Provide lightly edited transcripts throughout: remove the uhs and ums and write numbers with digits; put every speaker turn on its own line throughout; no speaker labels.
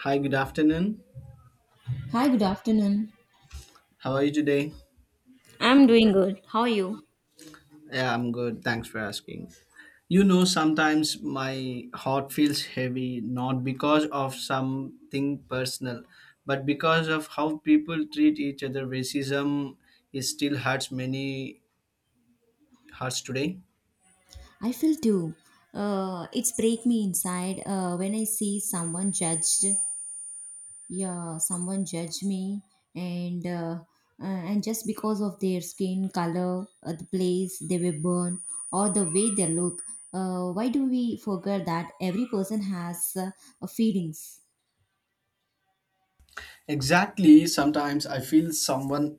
Hi, good afternoon.
Hi, good afternoon.
How are you today?
I'm doing good. How are you?
Yeah, I'm good. Thanks for asking. You know, sometimes my heart feels heavy not because of something personal, but because of how people treat each other. Racism it still hurts many hearts today.
I feel too. It's break me inside when I see someone judged. Yeah, someone judge me, and uh, and just because of their skin color, the place they were born, or the way they look. Why do we forget that every person has feelings?
Exactly. Sometimes I feel someone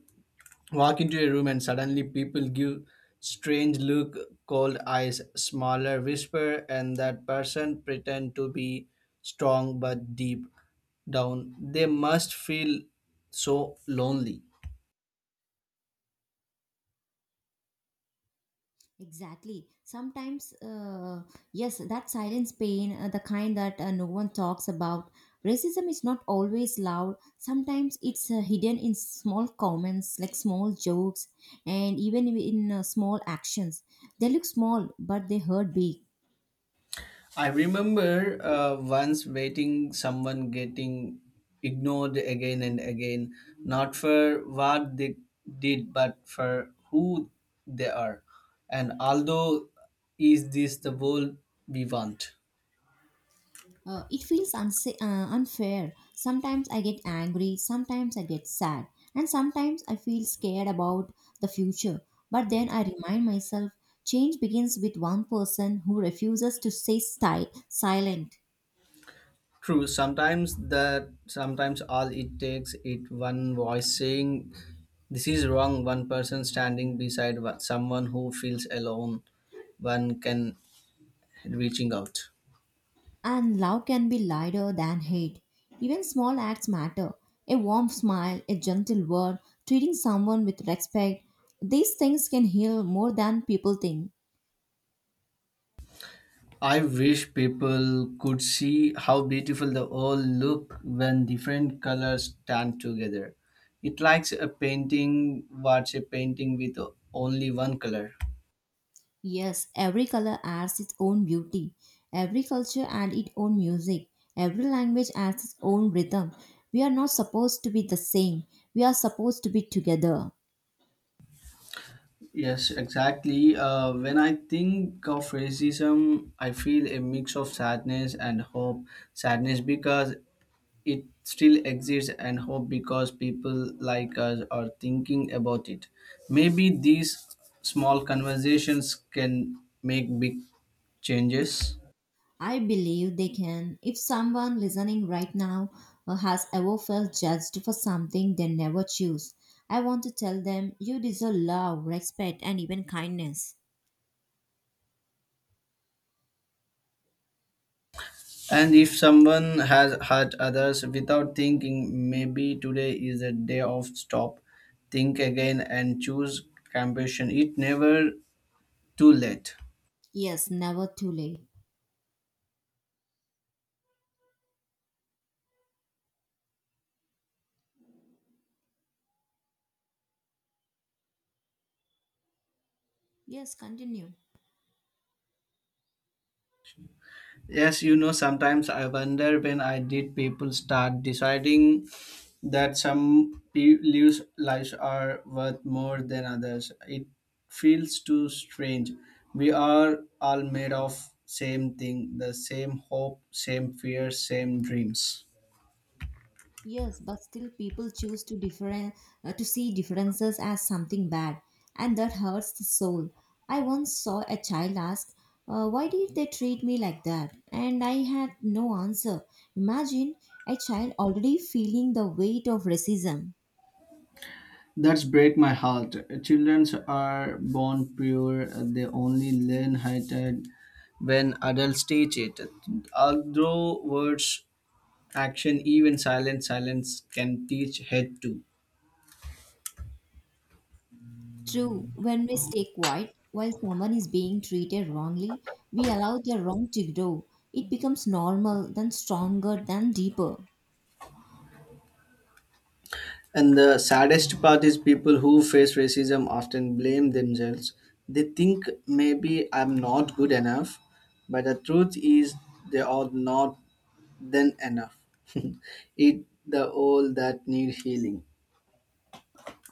walk into a room and suddenly people give strange look cold eyes smaller whisper and that person pretend to be strong but deep down they must feel so lonely.
Exactly. Sometimes, yes, that silence pain, the kind that no one talks about. Racism is not always loud. Sometimes it's hidden in small comments, like small jokes, and even in small actions. They look small, but they hurt big.
I remember once waiting someone getting ignored again and again not for what they did but for who they are and although is this the world we want?
It feels unfair. Sometimes I get angry, sometimes I get sad, and sometimes I feel scared about the future. But then I remind myself change begins with one person who refuses to stay silent.
True, sometimes all it takes it one voice saying this is wrong, one person standing beside someone who feels alone, one can reaching out.
And love can be lighter than hate. Even small acts matter. A warm smile, a gentle word, treating someone with respect. These things can heal more than people think.
I wish people could see how beautiful the world look when different colors stand together. It likes a painting, what's a painting with only one color.
Yes, every color adds its own beauty, every culture adds its own music, every language adds its own rhythm. We are not supposed to be the same, we are supposed to be together.
Yes, exactly. When I think of racism, I feel a mix of sadness and hope. Sadness because it still exists, and hope because people like us are thinking about it. Maybe these small conversations can make big changes.
I believe they can. If someone listening right now has ever felt judged for something they never choose, I want to tell them you deserve love, respect, and even kindness.
And if someone has hurt others without thinking, maybe today is a day of stop, think again, and choose compassion. It never too late.
Yes, never too late. Yes, continue.
Yes, you know, sometimes I wonder when I did people start deciding that lives are worth more than others. It feels too strange. We are all made of same thing, the same hope, same fear, same dreams.
Yes, but still people choose to different to see differences as something bad, and that hurts the soul. I once saw a child ask, "Why did they treat me like that?" And I had no answer. Imagine a child already feeling the weight of racism.
That's break my heart. Children are born pure, they only learn hatred when adults teach it. Although words action even silent silence can teach head too.
True, when we stay quiet while someone is being treated wrongly, we allow the wrong to grow. It becomes normal, then stronger, then deeper.
And the saddest part is people who face racism often blame themselves. They think maybe I'm not good enough, but the truth is they are not then enough. It the all that need healing.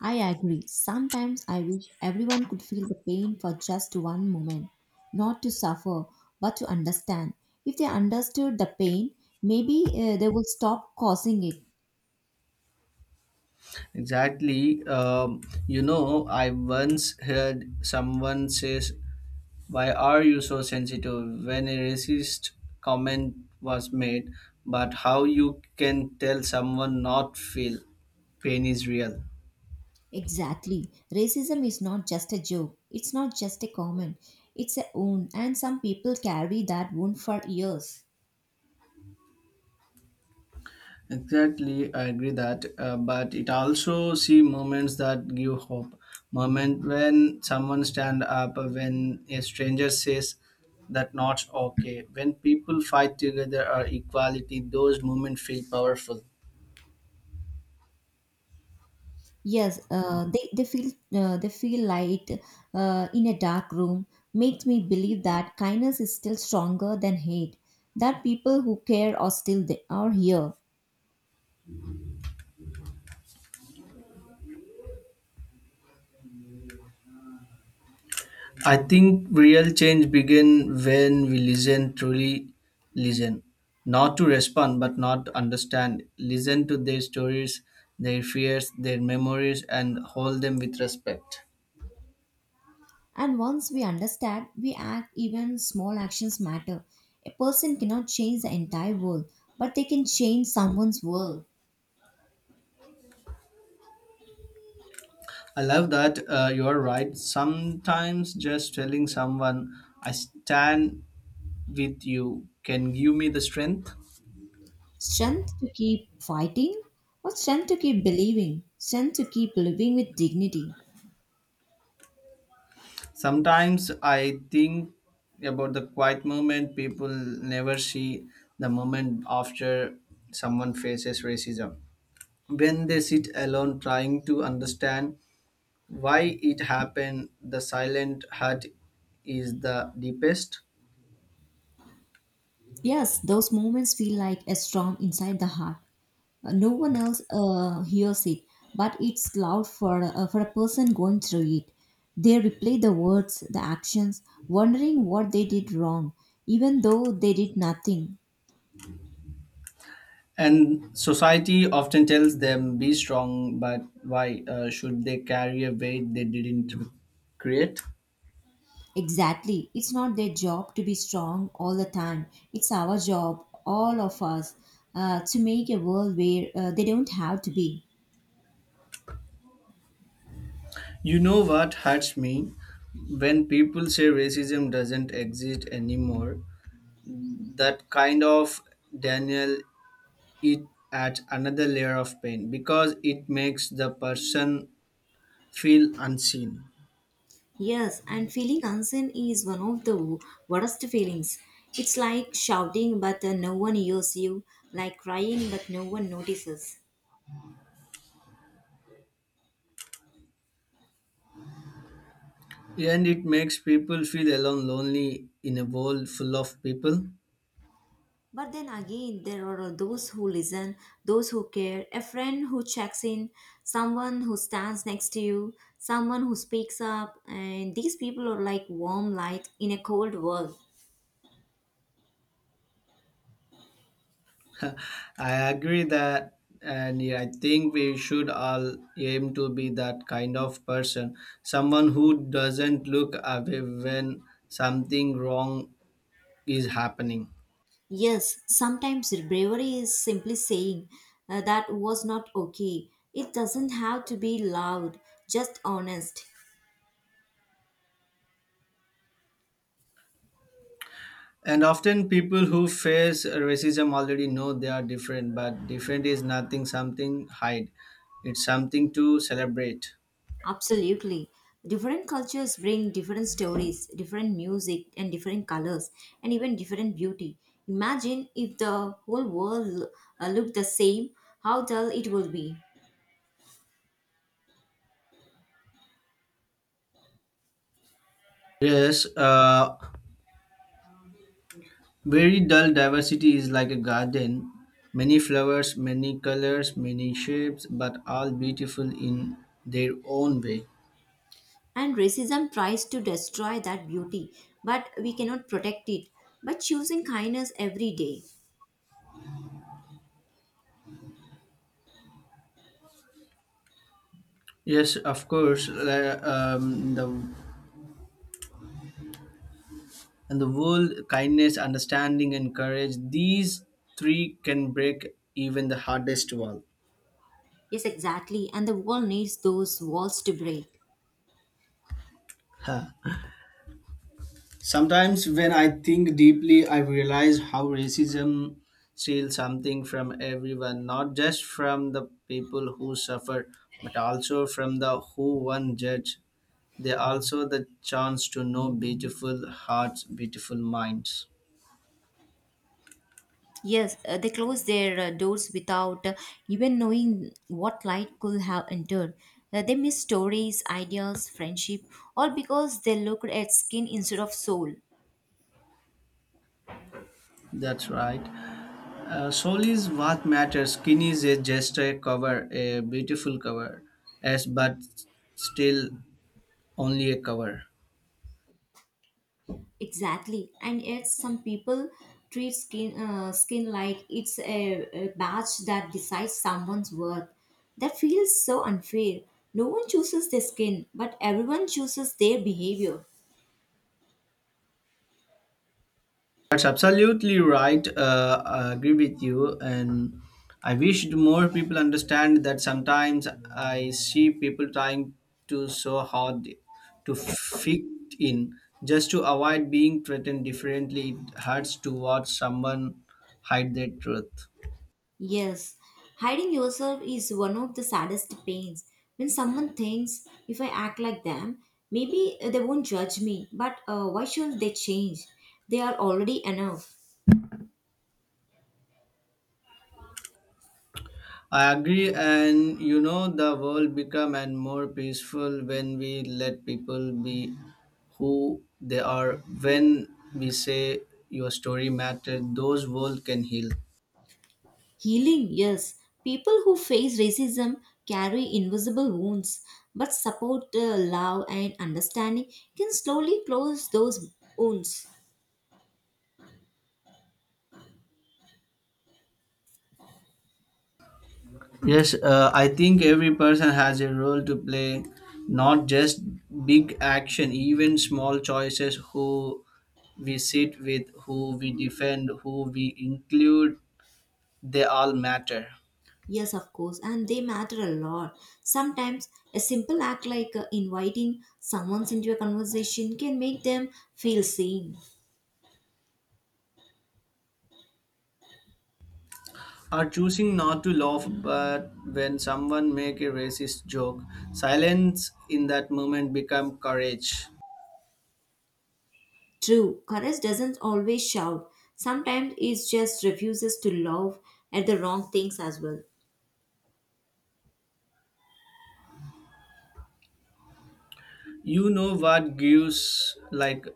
I agree. Sometimes I wish everyone could feel the pain for just one moment, not to suffer, but to understand. If they understood the pain, maybe they would stop causing it.
Exactly. You know, I once heard someone says, "Why are you so sensitive?" When a racist comment was made, but how you can tell someone not feel pain is real.
Exactly. Racism is not just a joke, it's not just a comment, it's a wound, and some people carry that wound for years.
Exactly, I agree that, but it also see moments that give hope. Moment when someone stand up, when a stranger says that not okay. When people fight together or equality, those moments feel powerful.
Yes, they feel light in a dark room makes me believe that kindness is still stronger than hate. That people who care are still there, are here.
I think real change begin when we listen truly listen, not to respond but not to understand. Listen to their stories, their fears, their memories, and hold them with respect.
And once we understand, we act even small actions matter. A person cannot change the entire world, but they can change someone's world.
I love that. You're right. Sometimes just telling someone, I stand with you, can give me the strength.
Strength to keep fighting, or strength to keep believing, strength to keep living with dignity.
Sometimes I think about the quiet moment people never see the moment after someone faces racism. When they sit alone trying to understand why it happened, the silent hurt is the deepest.
Yes, those moments feel like a storm inside the heart. No one else hears it, but it's loud for a person going through it. They replay the words, the actions, wondering what they did wrong even though they did nothing.
And society often tells them, be strong, but why should they carry a weight they didn't create?
Exactly, it's not their job to be strong all the time, it's our job, all of us, to make a world where they don't have to be.
You know what hurts me? When people say racism doesn't exist anymore, that kind of Daniel, it adds another layer of pain because it makes the person feel unseen.
Yes, and feeling unseen is one of the worst feelings. It's like shouting but no one hears you, like crying but no one notices.
And it makes people feel alone, lonely in a world full of people.
But then again, there are those who listen, those who care, a friend who checks in, someone who stands next to you, someone who speaks up, and these people are like warm light in a cold world.
I agree that, and yeah, I think we should all aim to be that kind of person, someone who doesn't look away when something wrong is happening.
Yes, sometimes bravery is simply saying that was not okay. It doesn't have to be loud, just honest.
And often people who face racism already know they are different, but different is nothing, something hide. It's something to celebrate.
Absolutely. Different cultures bring different stories, different music, and different colors, and even different beauty. Imagine if the whole world looked the same, how dull it would be.
Yes, very dull diversity is like a garden. Many flowers, many colors, many shapes, but all beautiful in their own way.
And racism tries to destroy that beauty, but we cannot protect it by choosing kindness every day.
Yes, of course. The and the world, kindness, understanding, and courage. These three can break even the hardest wall.
Yes, exactly. And the world needs those walls to break.
Ha, sometimes, when I think deeply, I realize how racism steals something from everyone, not just from the people who suffer, but also from the who one judge. They also the chance to know beautiful hearts, beautiful minds.
Yes, they closed their doors without even knowing what light could have entered. They missed stories, ideas, friendship, all because they looked at skin instead of soul.
That's right. Soul is what matters. Skin is a just a cover, a beautiful cover, as but still only a cover.
Exactly. And yet, some people treat skin like it's a badge that decides someone's worth. That feels so unfair. No one chooses their skin, but everyone chooses their behavior.
That's absolutely right. I agree with you, and I wish more people understand that. Sometimes I see people trying to so hard to fit in just to avoid being treated differently. It hurts to watch someone hide their truth.
Yes, hiding yourself is one of the saddest pains. When someone thinks, if I act like them, maybe they won't judge me, but why should they change? They are already enough.
I agree, and you know, the world become and more peaceful when we let people be who they are. When we say your story matter, those world can heal.
Healing, yes. People who face racism carry invisible wounds, but support, love, and understanding can slowly close those wounds.
Yes, I think every person has a role to play, not just big action, even small choices. Who we sit with, who we defend, who we include, they all matter.
Yes, of course, and they matter a lot. Sometimes a simple act like inviting someone into a conversation can make them feel seen.
Are choosing not to laugh but when someone make a racist joke silence in that moment become courage.
True, courage doesn't always shout. Sometimes it just refuses to love at the wrong things as well.
You know what gives like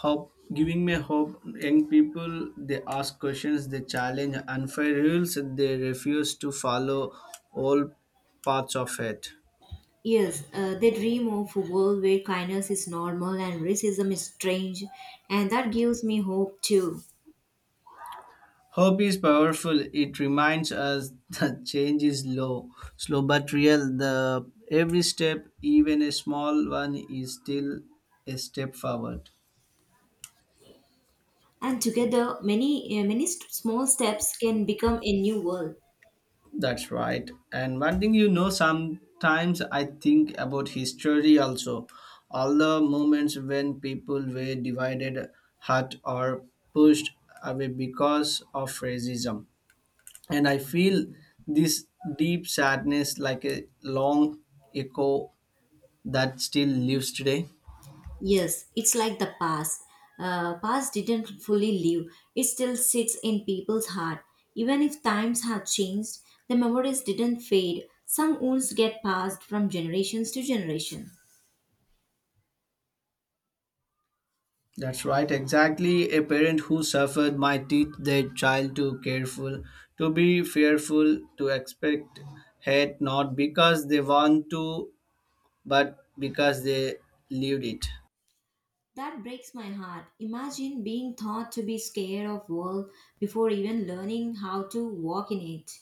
hope giving me hope young people they ask questions they challenge unfair rules they refuse to follow all parts of it.
Yes, they dream of a world where kindness is normal and racism is strange, and that gives me hope too.
Hope is powerful. It reminds us that change is low, slow but real. The every step, even a small one, is still a step forward.
And together, many small steps can become a new world.
That's right. And one thing you know, sometimes I think about history also. All the moments when people were divided, hurt, or pushed away because of racism. And I feel this deep sadness like a long echo that still lives today.
Yes, it's like the past. Past didn't fully live. It still sits in people's heart. Even if times have changed, the memories didn't fade. Some wounds get passed from generations to generation.
That's right, exactly. A parent who suffered might teach their child to careful, to be fearful, to expect hate not because they want to, but because they lived it.
That breaks my heart. Imagine being taught to be scared of world before even learning how to walk in it.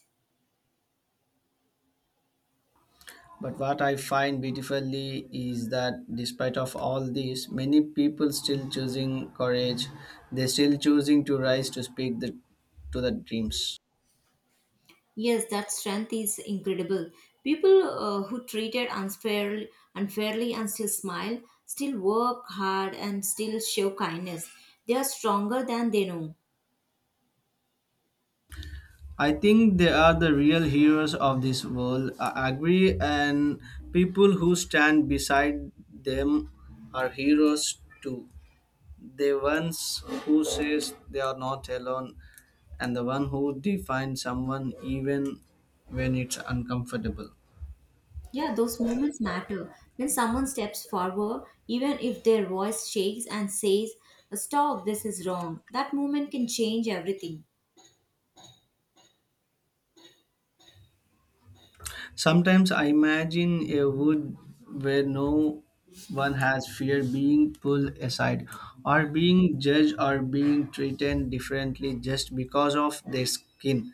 But what I find beautifully is that despite of all this, many people still choosing courage. They still choosing to rise to speak the, to the dreams.
Yes, that strength is incredible. People who treated unfairly and still smile, still work hard and still show kindness. They are stronger than they know.
I think they are the real heroes of this world. I agree, and people who stand beside them are heroes too. The ones who says they are not alone, and the one who defines someone even when it's uncomfortable.
Yeah, those moments matter. When someone steps forward, even if their voice shakes and says, stop, this is wrong, that moment can change everything.
Sometimes I imagine a wood where no one has fear being pulled aside or being judged or being treated differently just because of their skin.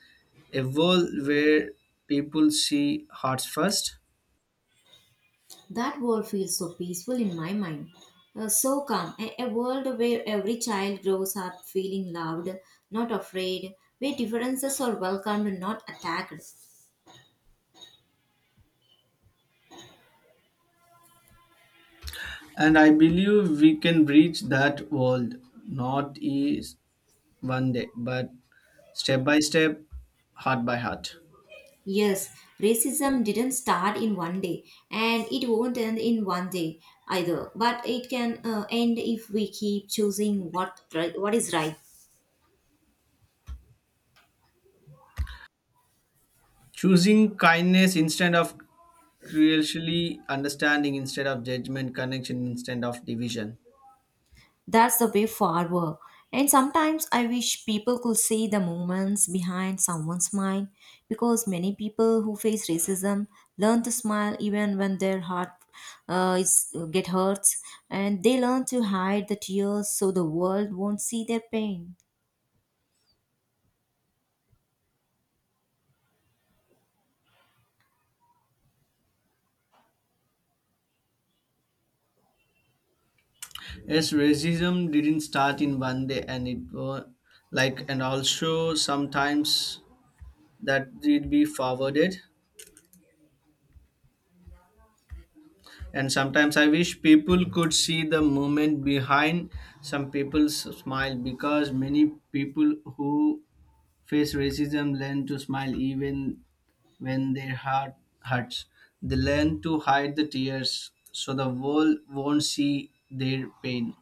A world where people see hearts first.
That world feels so peaceful in my mind. So calm, a world where every child grows up feeling loved, not afraid, where differences are welcomed, not attacked.
And I believe we can reach that world, not is one day, but step by step, heart by heart.
Yes, racism didn't start in one day, and it won't end in one day either. But it can end if we keep choosing what is right.
Choosing kindness instead of crucially understanding instead of judgment, connection instead of division.
That's the way forward. And sometimes I wish people could see the moments behind someone's smile because many people who face racism learn to smile even when their heart is get hurts, and they learn to hide the tears so the world won't see their pain.
Yes, racism didn't start in one day, and it was like, and also sometimes that did be forwarded. And sometimes I wish people could see the moment behind some people's smile because many people who face racism learn to smile even when their heart hurts. They learn to hide the tears so the world won't see their pain.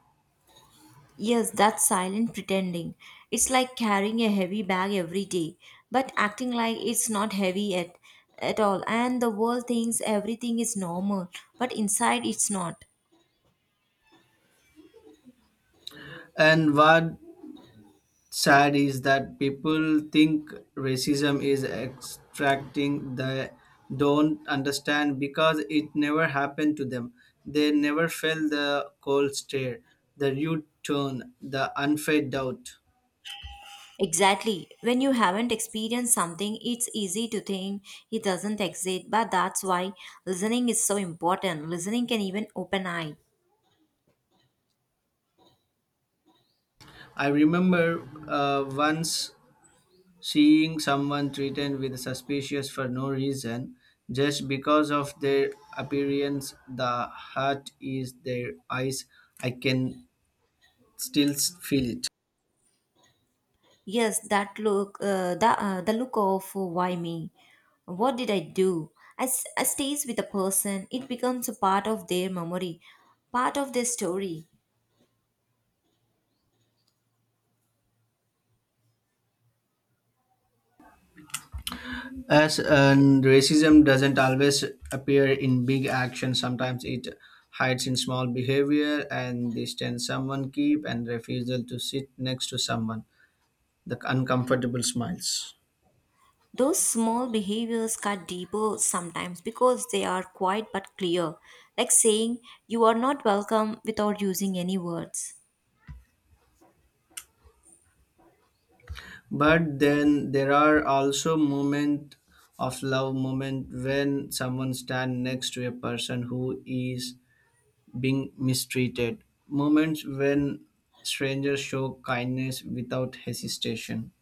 Yes, that's silent pretending. It's like carrying a heavy bag every day, but acting like it's not heavy at all. And the world thinks everything is normal, but inside it's not.
And what sad is that people think racism is extracting they don't understand because it never happened to them. They never felt the cold stare, the rude tone, the unfair doubt.
Exactly. When you haven't experienced something, it's easy to think it doesn't exist, but that's why listening is so important. Listening can even open eye.
I remember once seeing someone treated with suspicious for no reason, just because of their appearance, the heart is their eyes. I can still feel it.
Yes, that look, the look of why me? What did I do? As stays with a person, it becomes a part of their memory, part of their story.
As and racism doesn't always appear in big action. Sometimes it hides in small behavior and distance someone keep and refusal to sit next to someone. The uncomfortable smiles.
Those small behaviors cut deeper sometimes because they are quiet but clear, like saying you are not welcome without using any words.
But then there are also moments of love moment when someone stand next to a person who is being mistreated. Moments when strangers show kindness without hesitation.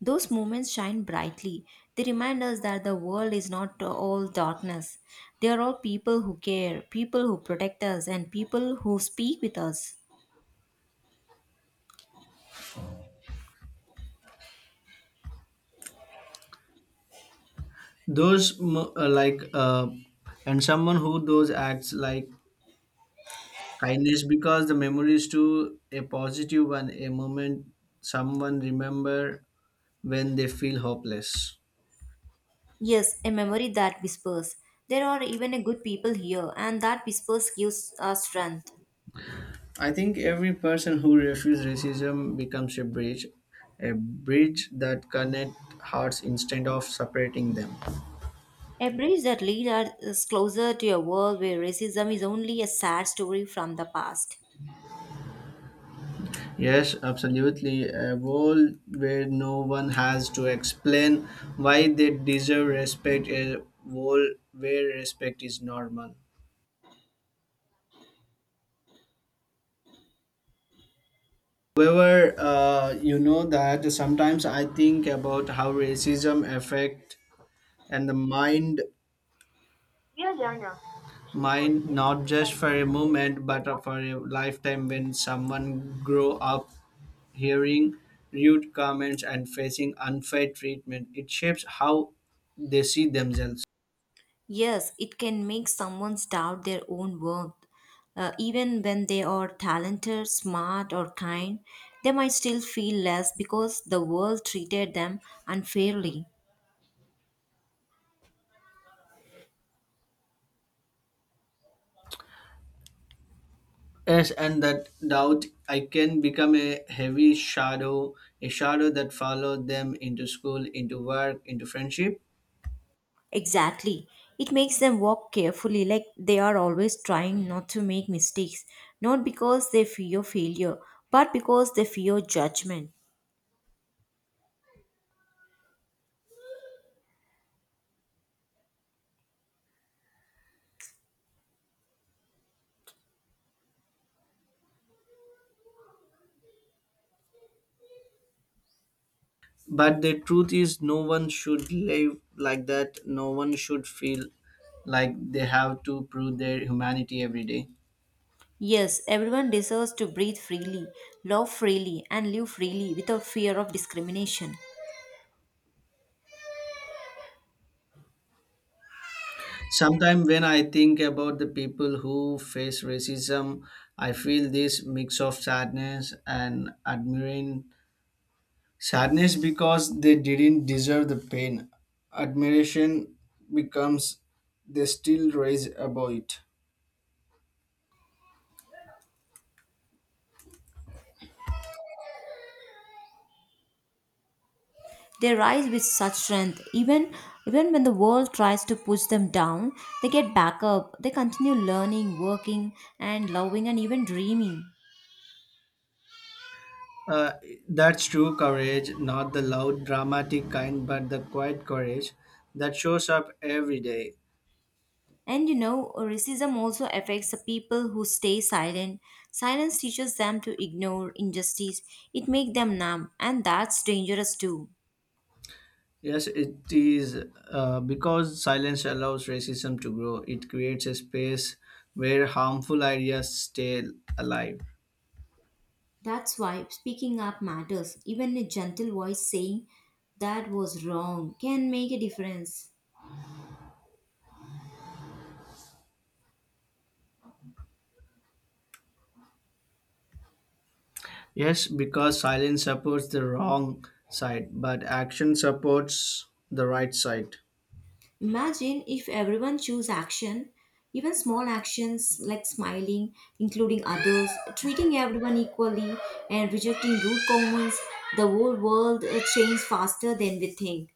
Those moments shine brightly. They remind us that the world is not all darkness. There are all people who care, people who protect us, and people who speak with us.
Those mo- like and someone who those acts like kindness because the memory is to a positive one, a moment someone remember when they feel hopeless.
Yes, a memory that whispers. There are even a good people here, and that whispers gives us strength.
I think every person who refuses racism becomes a bridge that connects hearts instead of separating them.
A bridge that leads us closer to a world where racism is only a sad story from the past.
Yes, absolutely. A world where no one has to explain why they deserve respect, a world where respect is normal. However, you know that sometimes I think about how racism affect and the mind. Yeah, yeah, yeah. Mine not just for a moment but for a lifetime when someone grow up hearing rude comments and facing unfair treatment it shapes how they see themselves.
Yes, it can make someone doubt their own worth. Even when they are talented, smart, or kind, they might still feel less because the world treated them unfairly.
Yes and that doubt I can become a heavy shadow, a shadow that follow them into school into work into friendship.
Exactly. It makes them walk carefully, like they are always trying not to make mistakes, not because they fear failure, but because they fear judgment.
But the truth is, no one should live like that. No one should feel like they have to prove their humanity every day.
Yes, everyone deserves to breathe freely, love freely, and live freely without fear of discrimination.
Sometimes, when I think about the people who face racism, I feel this mix of sadness and admiring. Sadness because they didn't deserve the pain. Admiration becomes they still raise above it.
They rise with such strength. Even when the world tries to push them down, they get back up. They continue learning, working, and loving, and even dreaming.
Uh, that's true courage, not the loud, dramatic kind, but the quiet courage that shows up every day.
And you know, racism also affects the people who stay silent. Silence teaches them to ignore injustice. It makes them numb, and that's dangerous too.
Yes, it is because silence allows racism to grow. It creates a space where harmful ideas stay alive.
That's why speaking up matters. Even a gentle voice saying that was wrong can make a difference.
Yes, because silence supports the wrong side, but action supports the right side.
Imagine if everyone chose action, even small actions like smiling, including others, treating everyone equally, and rejecting rude comments, the whole world changed faster than we think.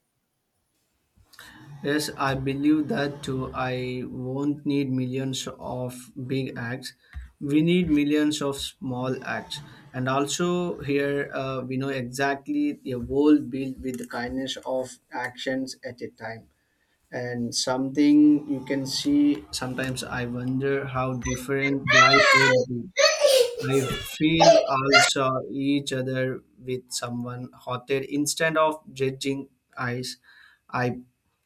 Yes, I believe that too. I won't need millions of big acts. We need millions of small acts. And also, here we know exactly a world built with the kindness of actions at a time. And something you can see sometimes I wonder how different life would be. I feel also each other with someone hotter instead of judging eyes. I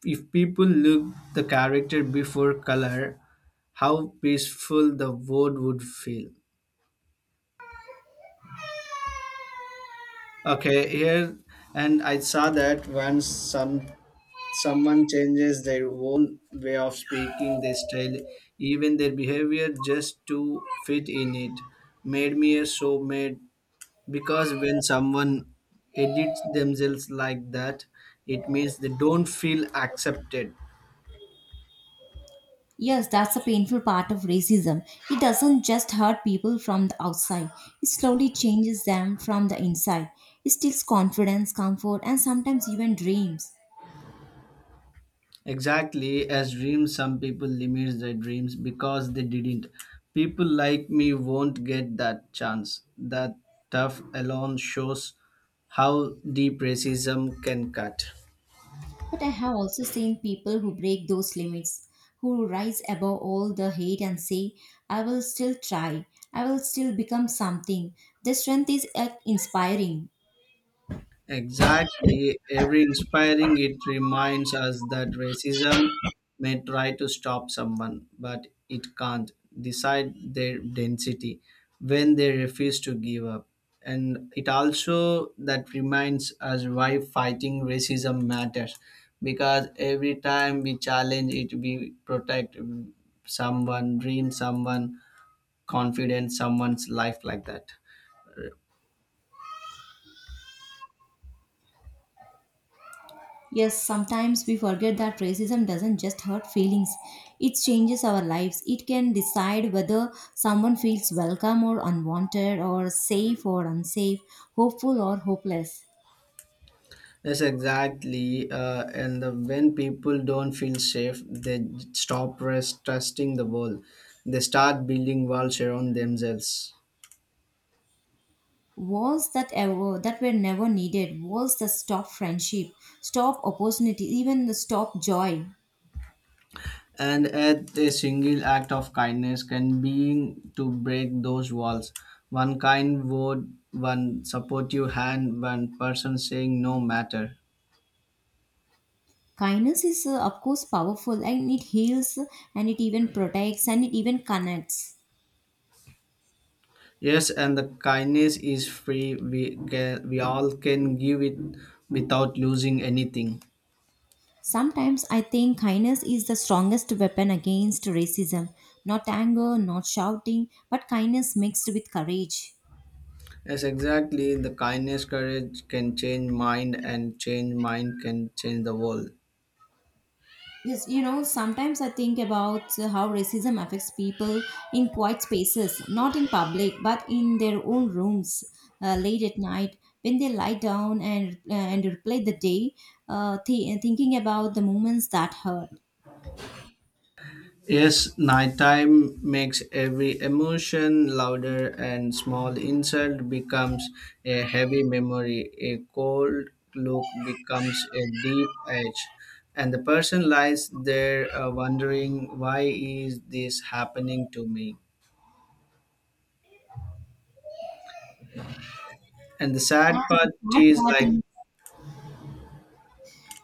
if people look the character before color, how peaceful the world would feel. Okay, here and I saw that once someone changes their own way of speaking, their style, even their behavior just to fit in it, made me so made because when someone edits themselves like that it means they don't feel accepted.
Yes, that's a painful part of racism. It doesn't just hurt people from the outside, it slowly changes them from the inside. It steals confidence, comfort, and sometimes even dreams.
Exactly as dreams some people limit their dreams because they didn't people like me won't get that chance that tough alone shows how deep racism can cut.
But I have also seen people who break those limits, who rise above all the hate and say, I will still try, I will still become something. Their strength is inspiring.
Exactly. Every inspiring it reminds us that racism may try to stop someone, but it can't decide their density when they refuse to give up. And it also that reminds us why fighting racism matters because every time we challenge it, we protect someone, dream someone, confidence, someone's life like that.
Yes, sometimes we forget that racism doesn't just hurt feelings, it changes our lives. It can decide whether someone feels welcome or unwanted, or safe or unsafe, hopeful or hopeless.
Yes, exactly. And the, when people don't feel safe, they stop rest, trusting the world. They start building walls around themselves.
Walls that ever that were never needed, walls that stop friendship, stop opportunity, even the stop joy.
And at a single act of kindness can be to break those walls. One kind word, one supportive hand, one person saying no matter.
Kindness is of course powerful, and it heals, and it even protects, and it even connects.
Yes, and the kindness is free. We all can give it without losing anything.
Sometimes I think kindness is the strongest weapon against racism. Not anger, not shouting, but kindness mixed with courage.
Yes, exactly. The kindness, courage can change mind, and change mind can change the world.
Yes, you know, sometimes I think about how racism affects people in quiet spaces, not in public, but in their own rooms late at night when they lie down and and replay the day, thinking about the moments that hurt.
Yes, nighttime makes every emotion louder, and small insult becomes a heavy memory. A cold look becomes a deep edge, and the person lies there wondering why is this happening to me. And the sad
And the
part
sad
is
part
like
is,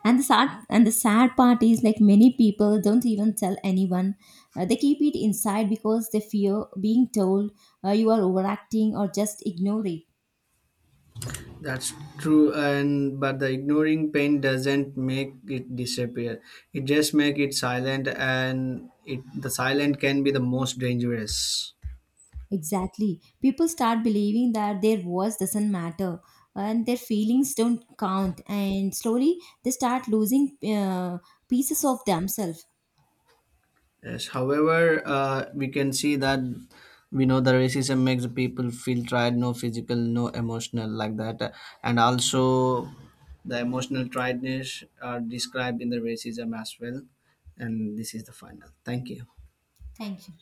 and the sad part is like many people don't even tell anyone. They keep it inside because they fear being told you are overacting or just ignore it.
that's true, and but the ignoring pain doesn't make it disappear. It just make it silent, and it the silent can be the most dangerous.
Exactly. People start believing that their voice doesn't matter and their feelings don't count, and slowly they start losing pieces of themselves.
Yes. However, we can see that we know the racism makes the people feel tried, no physical, no emotional, like that, and also the emotional tiredness are described in the racism as well. And this is the final. Thank you.
Thank you.